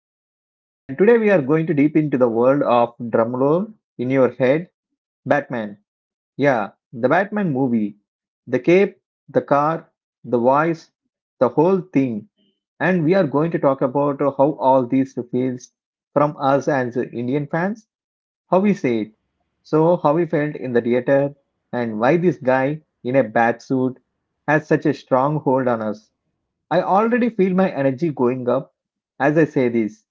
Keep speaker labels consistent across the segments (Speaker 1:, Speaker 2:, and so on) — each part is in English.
Speaker 1: that. And today we are going to deep into the world of drumroll in your head, Batman. Yeah, the Batman movie, the cape, the car, the voice, the whole thing and we are going to talk about how all these feels from us as Indian fans, how we say it, so how we felt in the theater, and why this guy in a bat suit has such a strong hold on us. I already feel my energy going up as I say this.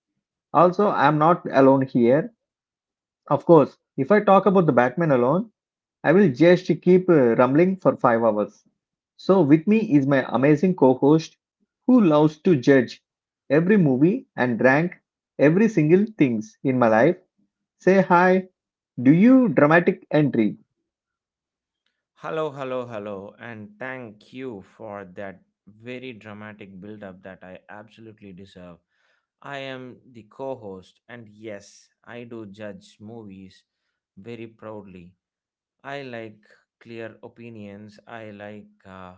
Speaker 1: Also, I'm not alone here. Of course, if I talk about the Batman alone, I will just keep rumbling for 5 hours. So, with me is my amazing co host who loves to judge every movie and rank every single things in my life. Say hi, do you dramatic entry?
Speaker 2: Hello, hello, hello, and thank you for that very dramatic build up that I absolutely deserve. I am the co host, and yes, I do judge movies very proudly. I like clear opinions, I like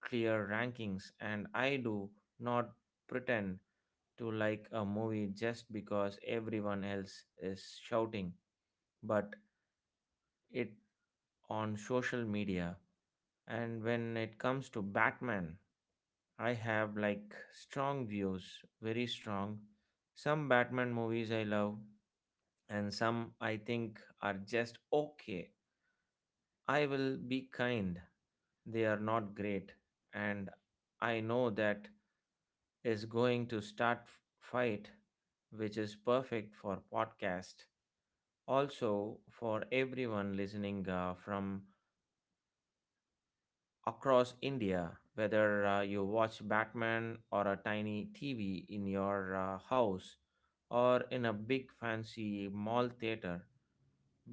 Speaker 2: clear rankings, and I do not pretend to like a movie just because everyone else is shouting, but it on social media. And when it comes to Batman, I have like strong views, very strong. Some Batman movies I love, and some I think are just okay. I will be kind, they are not great. And I know that is going to start fight, which is perfect for podcast. Also, for everyone listening from across India, whether you watch Batman or a tiny TV in your house or in a big fancy mall theater,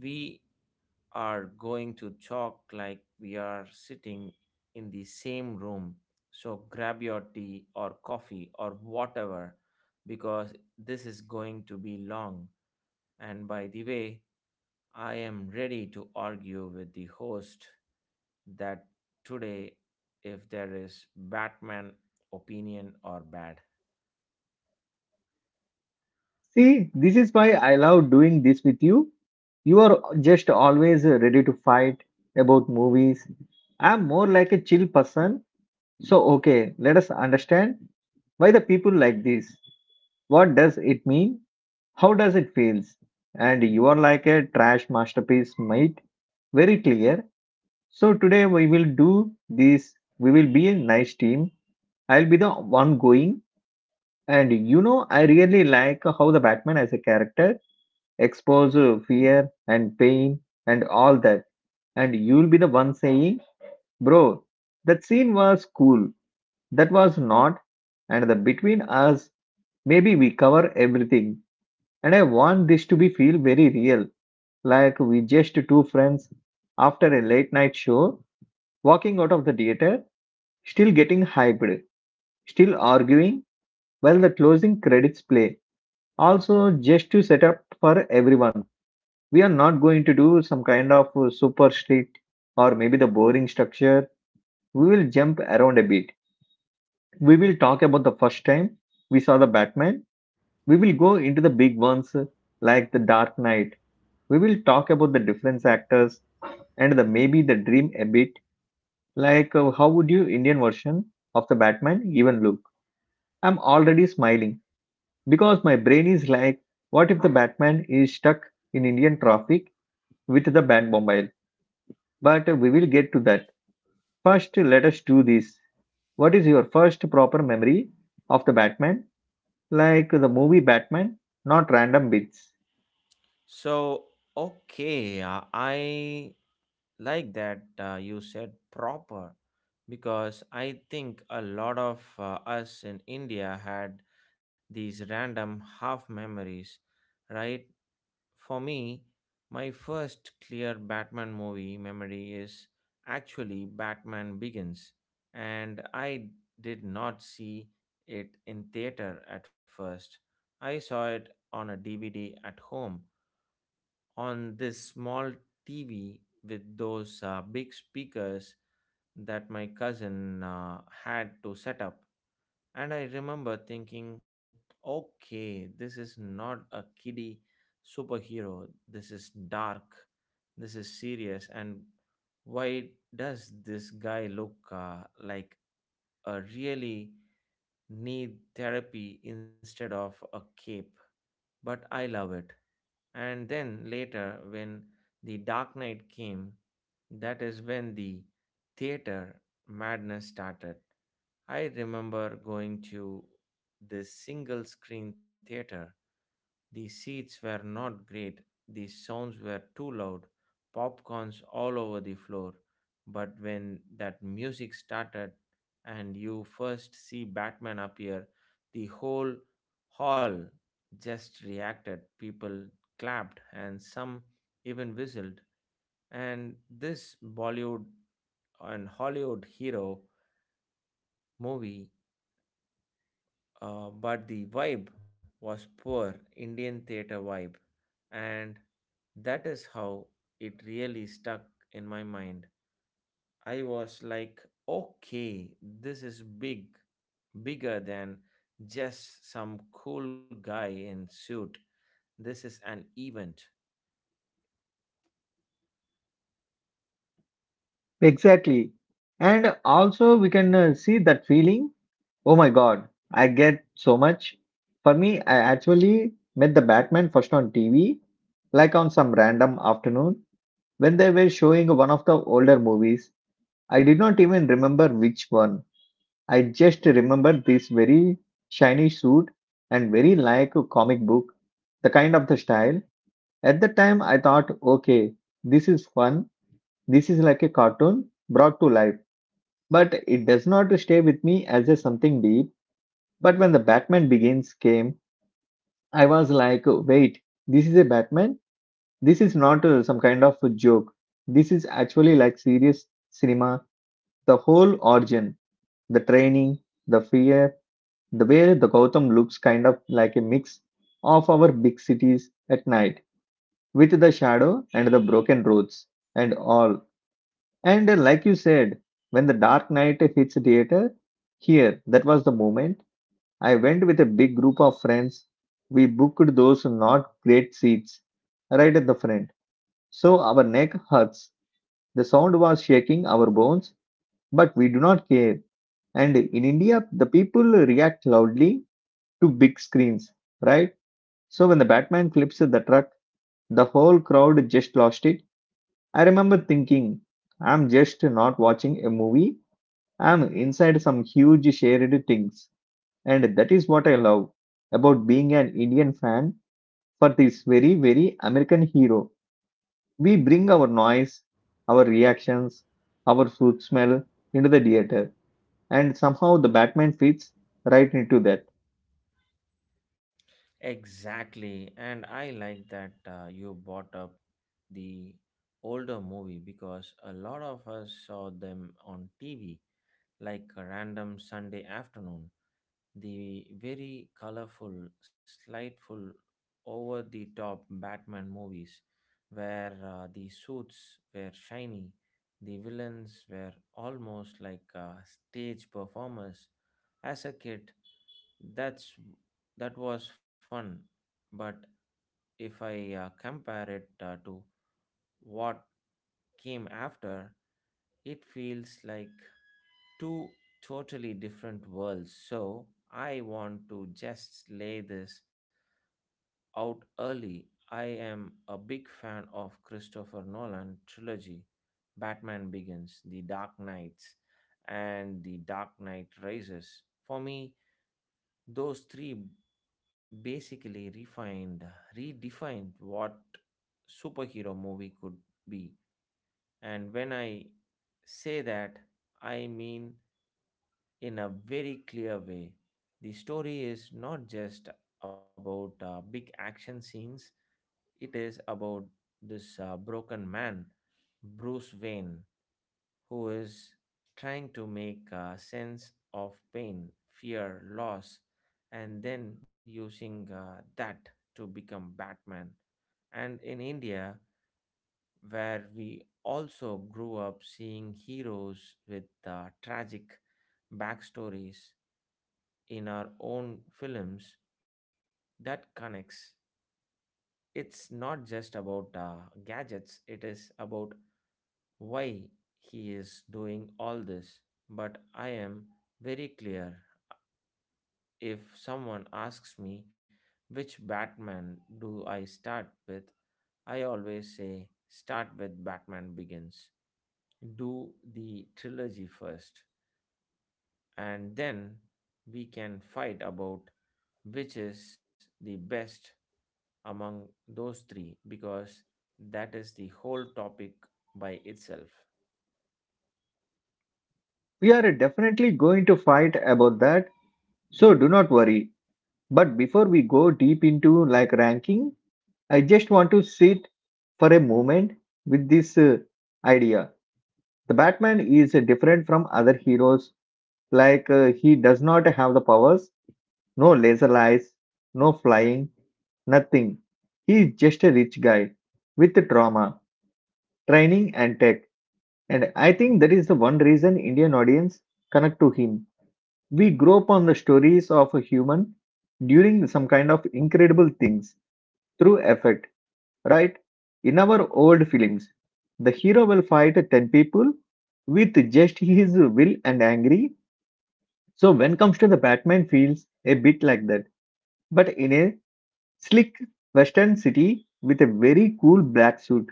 Speaker 2: we are going to talk like we are sitting in the same room. So grab your tea or coffee or whatever because this is going to be long. And by the way, I am ready to argue with the host that today if there is batman opinion or bad
Speaker 1: See, this is why I love doing this with you. You are just always ready to fight about movies. I'm more like a chill person. So, okay, let us understand why the people like this. What does it mean? How does it feels? And you are like a trash masterpiece mate, very clear. So today we will do this. We will be a nice team. I'll be the one going, and you know I really like how the batman as a character exposes fear and pain and all that, and you'll be the one saying, bro, that scene was cool, that was not. And the between us maybe we cover everything, and I want this to be feel very real, like we just two friends after a late night show, walking out of the theater, still getting hyped, still arguing while the closing credits play. Also, just to set up for everyone, we are not going to do some kind of super strict or maybe the boring structure. We will jump around a bit. We will talk about the first time we saw the Batman. We will go into the big ones like the Dark Knight. We will talk about the different actors and the maybe the dream a bit. How would you Indian version of the Batman even look? I'm already smiling because my brain is like, what if the Batman is stuck in Indian traffic with the Batmobile? But we will get to that. First, let us do this. What is your first proper memory of the Batman? Like the movie Batman, not random bits.
Speaker 2: so okay, I like that you said proper because I think a lot of us in india had these random half memories, right? For me, my first clear Batman movie memory is actually Batman Begins, and I did not see it in theater at first. I saw it on a DVD at home on this small TV with those big speakers that my cousin had to set up. And I remember thinking, okay, this is not a kiddie superhero. This is dark. This is serious. And why does this guy look like a really need therapy instead of a cape? But I love it. And then later, when The Dark Knight came, that is when the theater madness started. I remember going to this single screen theater. The seats were not great, the sounds were too loud, popcorns all over the floor. But when that music started and you first see Batman appear, the whole hall just reacted. People clapped, and some even whistled. And this Bollywood and Hollywood hero movie, but the vibe was poor Indian theater vibe, and that is how it really stuck in my mind. I was like, okay, this is big, bigger than just some cool guy in suit. This is an event.
Speaker 1: Exactly. And also, we can see that feeling. Oh my God, I get so much. For me, I actually met the Batman first on TV, like on some random afternoon when they were showing one of the older movies. I did not even remember which one. I just remember this very shiny suit and very like a comic book, the kind of the style. At the time, I thought, okay, this is fun. This is like a cartoon brought to life. But it does not stay with me as a something deep but when the Batman Begins came, I was like, wait, this is a Batman? This is not some kind of a joke. This is actually like serious cinema. The whole origin, the training, the fear, the way the Gotham looks kind of like a mix of our big cities at night with the shadow and the broken roads and all. And like you said, when the Dark Knight hits theater here, that was the moment I went with a big group of friends. We booked those not great seats right at the front. So our neck hurts. The sound was shaking our bones, but we do not care. And in India, the people react loudly to big screens, right? So when the Batman flips the truck, the whole crowd just lost it. I remember thinking, I'm just not watching a movie. I'm inside some huge shared things. And that is what I love about being an Indian fan. For this very, very American hero, we bring our noise, our reactions, our food smell into the theater, and somehow the Batman fits right into that.
Speaker 2: Exactly, and I like that you brought up the older movie because a lot of us saw them on TV like a random Sunday afternoon. The very colorful, slightful, over the top Batman movies, where the suits were shiny, the villains were almost like stage performers. As a kid, that's that was fun, but if I compare it to what came after, it feels like two totally different worlds. So I want to just lay this out early. I am a big fan of Christopher Nolan trilogy, Batman Begins, The Dark Knights, and The Dark Knight Rises. For me, those three basically redefined what superhero movie could be. And when I say that, I mean in a very clear way. The story is not just about big action scenes, it is about this broken man, Bruce Wayne, who is trying to make sense of pain, fear, loss, and then using that to become Batman. And in India, where we also grew up seeing heroes with tragic backstories in our own films that connects. It's not just about gadgets, it is about why he is doing all this. But I am very clear, if someone asks me which Batman do I start with, I always say start with Batman Begins. Do the trilogy first, and then we can fight about which is the best among those three because that is the whole topic by itself.
Speaker 1: We are definitely going to fight about that, so do not worry. But before we go deep into like ranking, I just want to sit for a moment with this idea. The Batman is different from other heroes, like he does not have the powers. No laser eyes, no flying, nothing. He is just a rich guy with trauma, training, and tech. And I think that is the one reason Indian audience connect to him. We grow up on the stories of a human during some kind of incredible things through effect, right? In our old films, the hero will fight 10 people with just his will and angry. So when comes to the Batman feels a bit like that, but in a slick western city with a very cool black suit.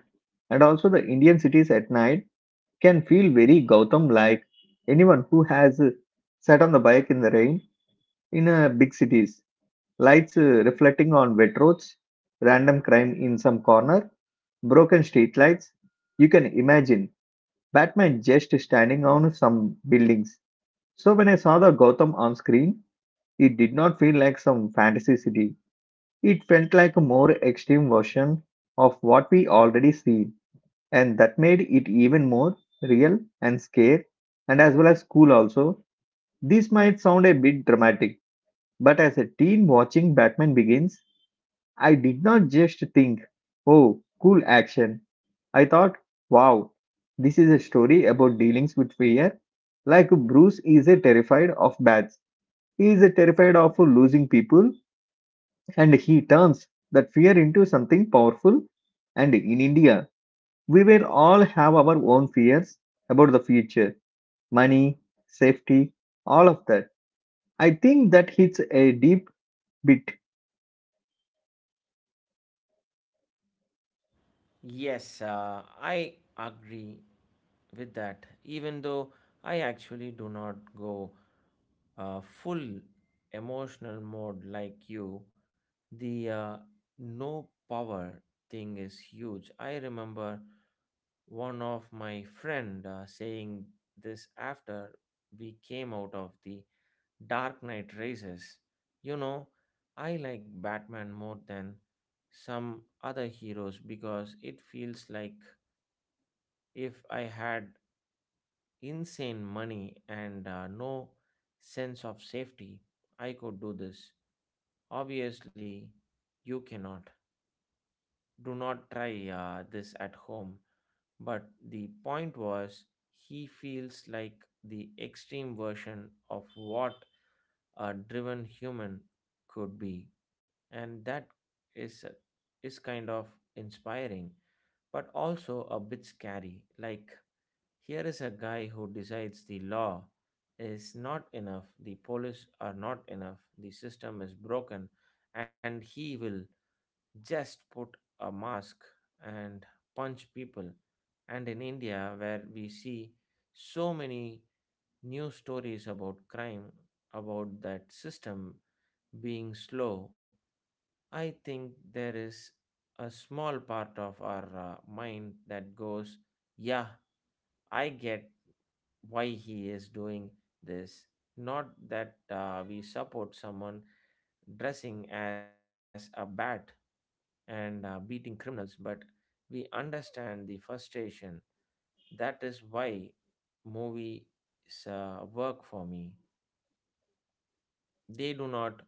Speaker 1: And also the Indian cities at night can feel very Gautam like. Anyone who has sat on the bike in the rain in big cities, lights reflecting on wet roads, random crime in some corner, broken streetlights. You can imagine Batman just standing on some buildings. So when I saw the Gotham on screen, it did not feel like some fantasy city. It felt like a more extreme version of what we already see, and that made it even more real and scare, and as well as cool also. This might sound a bit dramatic, but as a teen watching Batman Begins, I did not just think, oh, cool action. I thought, wow, this is a story about dealings with fear. Like Bruce is a terrified of bats, he is a terrified of losing people, and he turns that fear into something powerful. And in India, we will all have our own fears about the future, money, safety, all of that. I think that hits a deep bit.
Speaker 2: Yes, I agree with that, even though I actually do not go full emotional mode like you. The no power thing is huge. I remember one of my friend saying this after we came out of the Dark Knight Rises. You know, I like Batman more than some other heroes because it feels like if I had insane money and no sense of safety, I could do this. Obviously, you cannot. Do not try this at home. But the point was, he feels like the extreme version of what a driven human could be. And that is, is kind of inspiring, but also a bit scary. Like, here is a guy who decides the law is not enough, the police are not enough, the system is broken, and he will just put a mask and punch people. And in India, where we see so many news stories about crime, about that system being slow, I think there is a small part of our mind that goes, yeah, I get why he is doing this. Not that we support someone dressing as a bat and beating criminals, but we understand the frustration. That is why movies work for me. They do not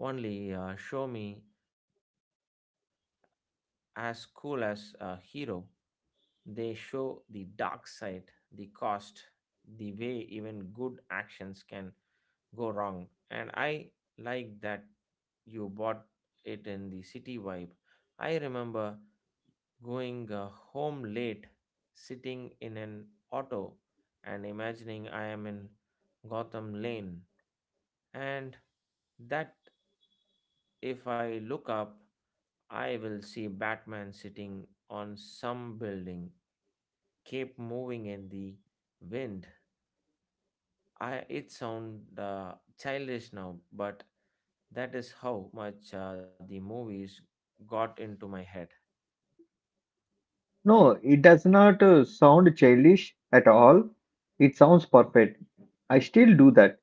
Speaker 2: only show me as cool as a hero, they show the dark side, the cost, the way even good actions can go wrong. And I like that you bought it in the city vibe. I remember going home late, sitting in an auto, and imagining I am in Gotham Lane, and that if I look up, I will see Batman sitting on some building, cape moving in the wind. I it sound childish now, but that is how much the movies got into my head.
Speaker 1: No, it does not sound childish at all. It sounds perfect. I still do that.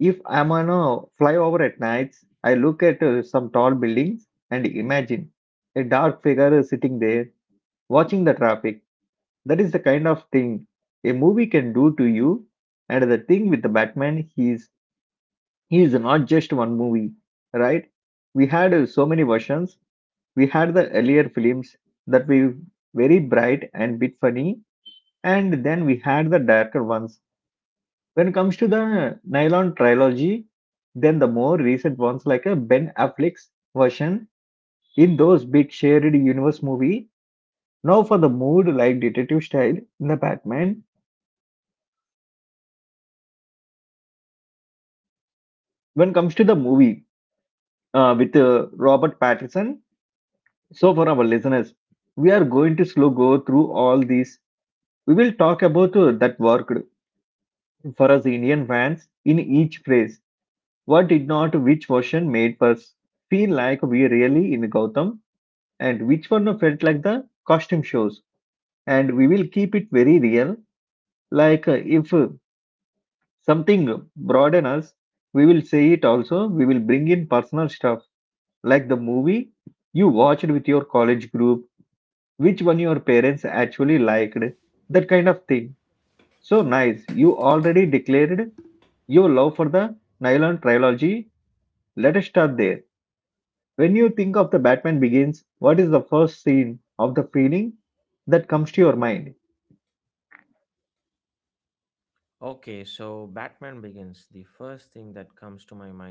Speaker 1: If I'm on a flyover at nights, I look at some tall buildings and imagine a dark figure sitting there watching the traffic. That is the kind of thing a movie can do to you. And the thing with the Batman, he is not just one movie, right? We had so many versions. We had the earlier films that were very bright and bit funny, and then we had the darker ones. When it comes to the Nylon trilogy, then the more recent ones like a Ben Affleck's version in those big shared universe movie. Now for the mood like detective style in the Batman. When it comes to the movie, with Robert Pattinson. So, for our listeners, we are going to slow go through all these. We will talk about that worked for us Indian fans in each phrase. What did not, which version made us feel like we really in Gautam, and which one felt like the costume shows. And we will keep it very real. Like if Something broaden us, we will say it also. We will bring in personal stuff like the movie you watched with your college group, which one your parents actually liked, that kind of thing. So nice. You already declared your love for the Nylon trilogy. Let us start there. When you think of the Batman Begins, what is the first scene of the feeling that comes to your mind?
Speaker 2: Okay, so Batman Begins. The first thing that comes to my mind is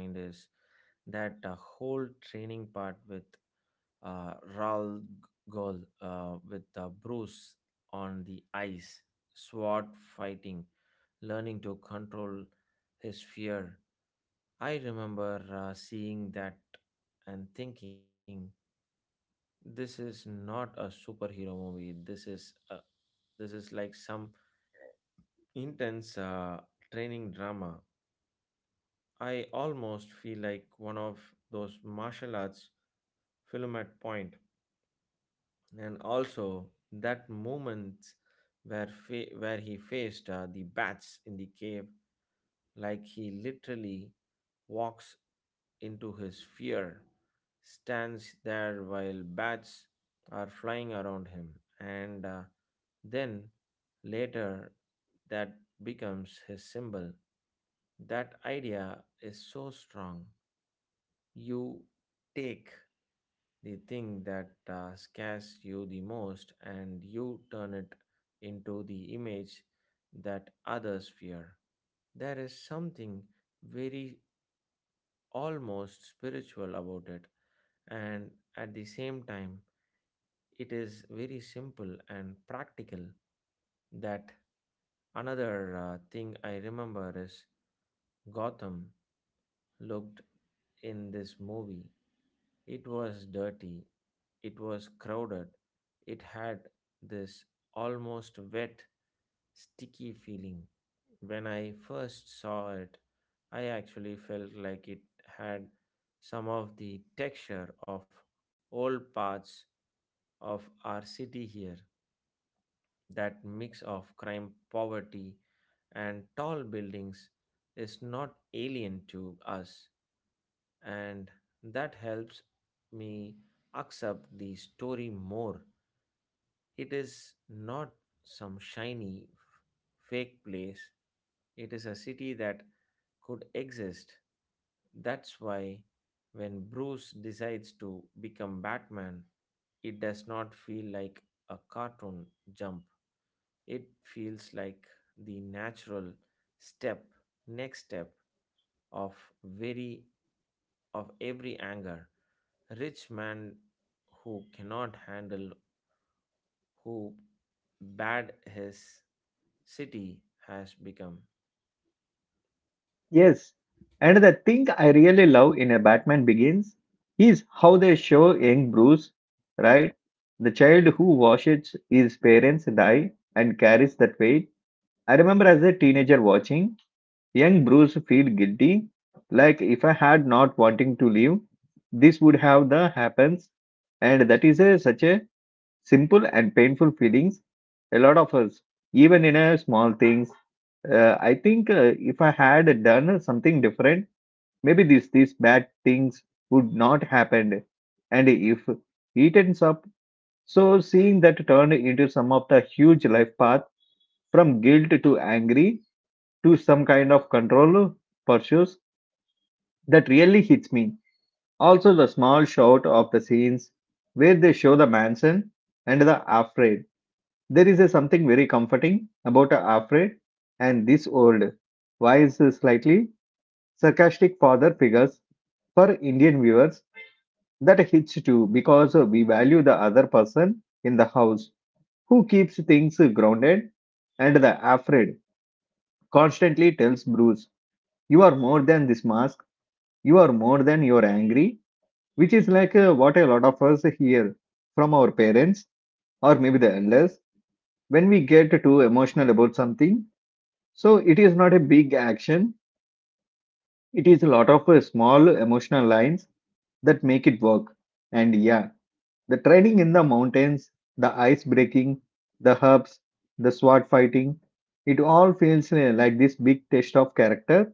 Speaker 2: that whole training part with Raul Gol, with Bruce on the ice, sword fighting, learning to control his fear. I remember seeing that and thinking, this is not a superhero movie. This is like some intense training drama. I almost feel like one of those martial arts film at point, and also that moment where he faced the bats in the cave, like he literally walks into his fear, stands there while bats are flying around him, and then later that becomes his symbol. That idea is so strong. You take the thing that scares you the most and you turn it into the image that others fear. There is something very almost spiritual about it, and at the same time, it is very simple and practical. That another thing I remember is Gotham looked in this movie. It was dirty, it was crowded, it had this almost wet, sticky feeling. When I first saw it, I actually felt like it had some of the texture of old parts of our city here. That mix of crime, poverty, and tall buildings is not alien to us, and that helps me accept the story more. It is not some shiny fake place, it is a city that could exist. That's why when Bruce decides to become Batman, it does not feel like a cartoon jump. It feels like the natural step, next step of very of every anger rich man who cannot handle who bad his city has become.
Speaker 1: Yes. And the thing I really love in a Batman Begins is how they show young Bruce, right? The child who watches his parents die and carries that weight. I remember as a teenager watching Young Bruce feel guilty, like if I had not wanting to leave, this would have the happens, and that is a, such a simple and painful feelings. A lot of us, even in a small things, I think if I had done something different, maybe this these bad things would not happen, and if it ends up so seeing that turned into some of the huge life path from guilt to angry to some kind of control pursuits that really hits me. Also, the small shot of the scenes where they show the mansion and the afraid. There is a something very comforting about a afraid and this old, wise, slightly sarcastic father figures for Indian viewers that hits too, because we value the other person in the house who keeps things grounded, and the afraid constantly tells Bruce, "You are more than this mask, you are more than your angry," which is like what a lot of us hear from our parents or maybe the elders when we get too emotional about something. So it is not a big action, it is a lot of small emotional lines that make it work. And yeah, the training in the mountains, the ice breaking, the herbs, the sword fighting, it all feels like this big test of character,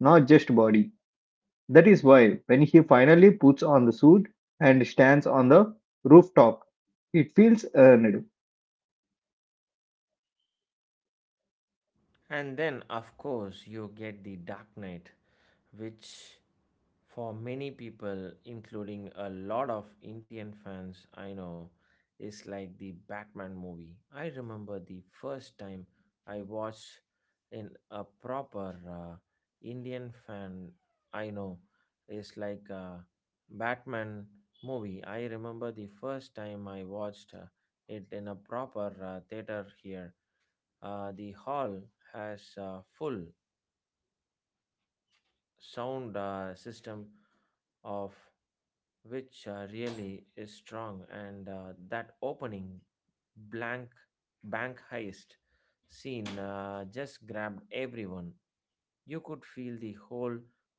Speaker 1: not just body. That is why, when he finally puts on the suit and stands on the rooftop, it feels earned.
Speaker 2: And then of course you get the Dark Knight, which for many people, including a lot of Indian fans I know, is like the Batman movie. I remember the first time I watched in a proper Indian fan I know is like a Batman movie. I remember the first time I watched it in a proper theater here. The hall has full sound system of which really is strong, and that opening blank bank heist scene just grabbed everyone. You could feel the whole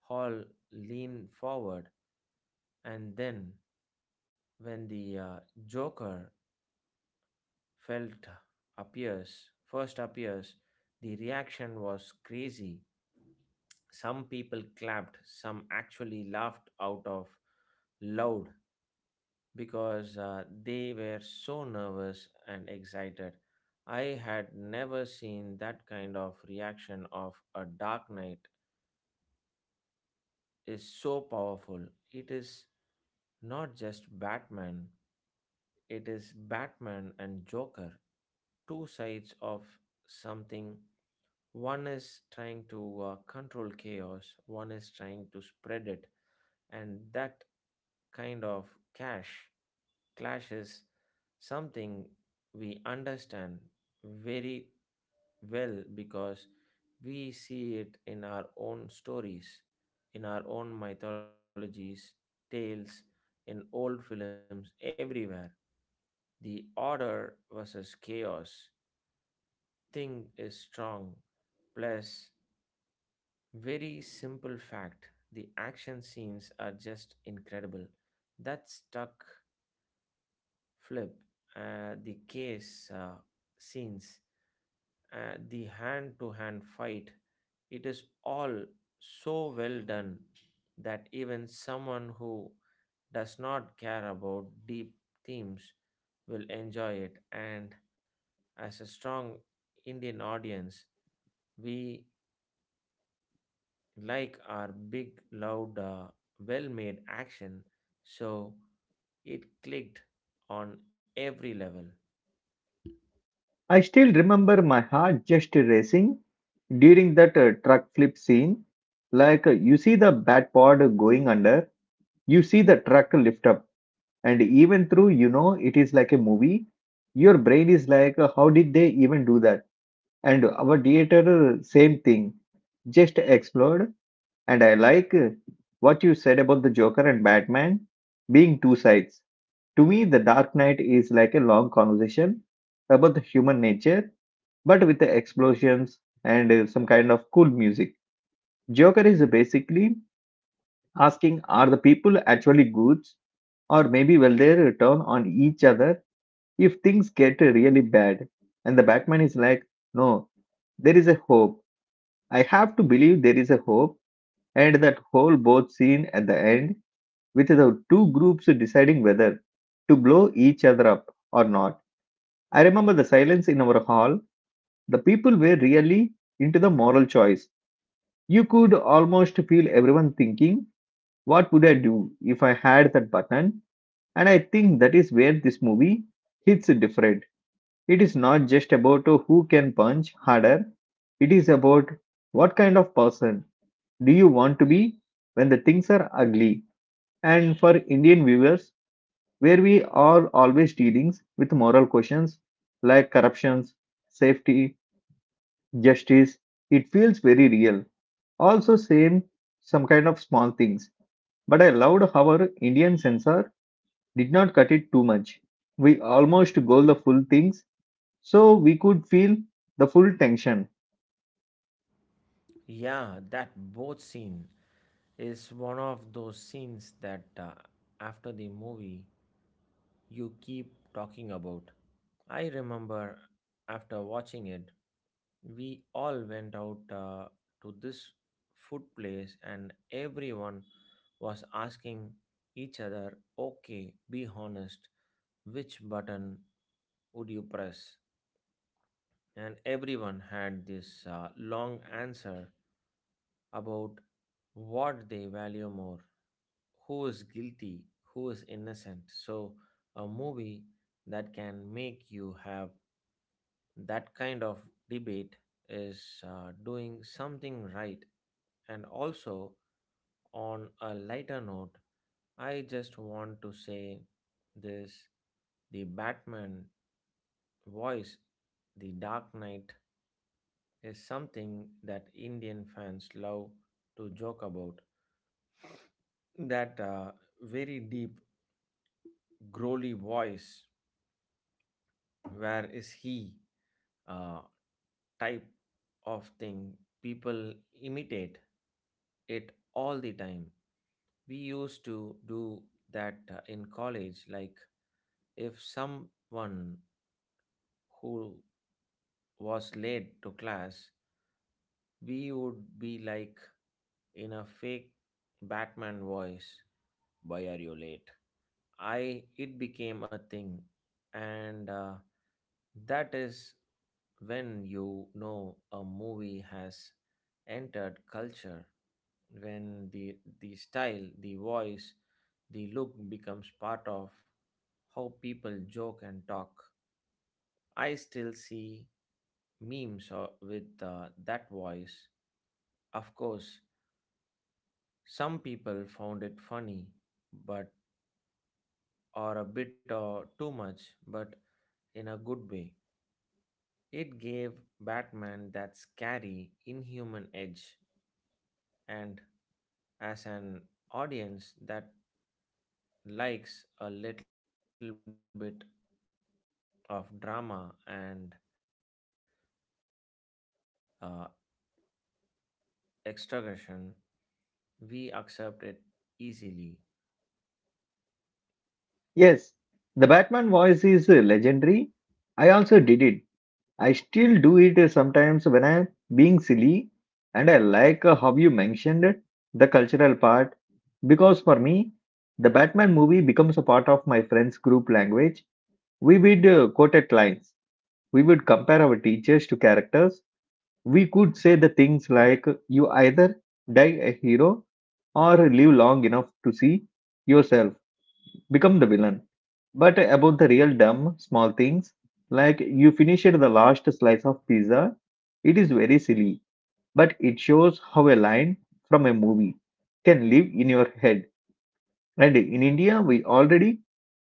Speaker 2: hall lean forward, and then when the joker felt appears first appears, the reaction was crazy. Some people clapped, some actually laughed out of loud because they were so nervous and excited. I had never seen that kind of reaction. Of a Dark Knight is so powerful. It is not just Batman. It is Batman and Joker, two sides of something. One is trying to control chaos, one is trying to spread it, and that kind of clash clash is something we understand very well because we see it in our own stories, in our own mythologies, tales, in old films, everywhere. The order versus chaos thing is strong. Plus, very simple fact, the action scenes are just incredible. That stuck flip, the case scenes, the hand to hand fight, it is all so well done that even someone who does not care about deep themes will enjoy it. And as a strong Indian audience, we like our big, loud, well made action, so it clicked on every level.
Speaker 1: I still remember my heart just racing during that truck flip scene. Like you see the bat pod going under, you see the truck lift up, and even through you know it is like a movie, your brain is like, how did they even do that? And our theater, same thing, just explode. And I like what you said about the Joker and Batman being two sides. To me, The Dark Knight is like a long conversation about the human nature, but with the explosions and some kind of cool music. Joker is basically asking, are the people actually good, or maybe will they turn on each other if things get really bad? And the Batman is like, no, there is a hope. I have to believe there is a hope. And that whole boat scene at the end with the two groups deciding whether to blow each other up or not. I remember the silence in our hall. The people were really into the moral choice. You could almost feel everyone thinking, what would I do if I had that button? And I think that is where this movie hits different. It is not just about who can punch harder, it is about what kind of person do you want to be when the things are ugly. And for Indian viewers, where we are always dealing with moral questions like corruptions, safety, justice. It feels very real. Also, same some kind of small things. But I loved how our Indian censor did not cut it too much. We almost go the full things, so we could feel the full tension.
Speaker 2: Yeah, that boat scene is one of those scenes that after the movie you keep talking about. I remember after watching it, we all went out to this food place and everyone was asking each other, okay, be honest, which button would you press? And everyone had this long answer about what they value more, who is guilty, who is innocent. So, a movie that can make you have that kind of debate is doing something right. And also, on a lighter note, I just want to say this, the Batman voice, The Dark Knight, is something that Indian fans love to joke about. That very deep, growly voice, where is he? uh, type of thing. People imitate it all the time. We used to do that in college, like if someone who was late to class, we would be like, in a fake batman voice, why are you late? I it became a thing, and that is when you know a movie has entered culture, when the style, the voice, the look becomes part of how people joke and talk. I still see memes with that voice. Of course, some people found it funny, but or a bit or too much, but in a good way. It gave Batman that scary, inhuman edge, and as an audience that likes a little bit of drama and uh, extraction, we accept it easily.
Speaker 1: Yes, the Batman voice is legendary. I also did it, I still do it sometimes when I'm being silly, and I like how you mentioned the cultural part, because for me, the Batman movie becomes a part of my friends' group language. We would quote at lines, we would compare our teachers to characters. We could say the things like, "You either die a hero or live long enough to see yourself become the villain," but about the real dumb small things, like you finished the last slice of pizza. It is very silly, but it shows how a line from a movie can live in your head. And in India, we already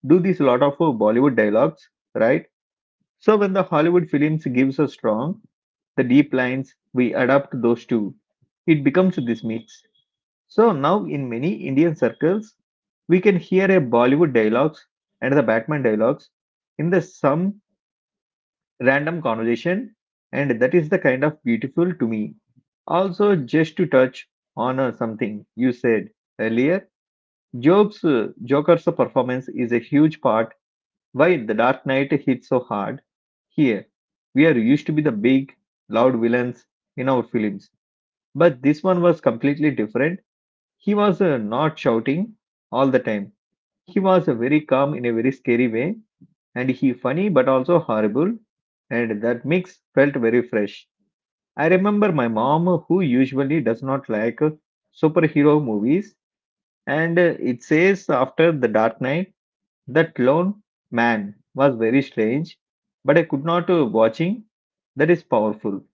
Speaker 1: do this lot of Bollywood dialogues, right? So when the Hollywood films gives us strong, the deep lines, we adapt those two. It becomes this mix. So now in many Indian circles, we can hear a Bollywood dialogues and the Batman dialogues in the some random conversation, and that is the kind of beautiful to me. Also, just to touch on something you said earlier, Jokes, Joker's performance is a huge part why The Dark Knight hit so hard. Here, we are used to be the big, loud villains in our films, but this one was completely different. He was not shouting all the time. He was very calm in a very scary way, and he funny but also horrible, and that mix felt very fresh. I remember my mom, who usually does not like superhero movies, and it says after The Dark Knight that Lone Man was very strange, but I could not watching. That is powerful.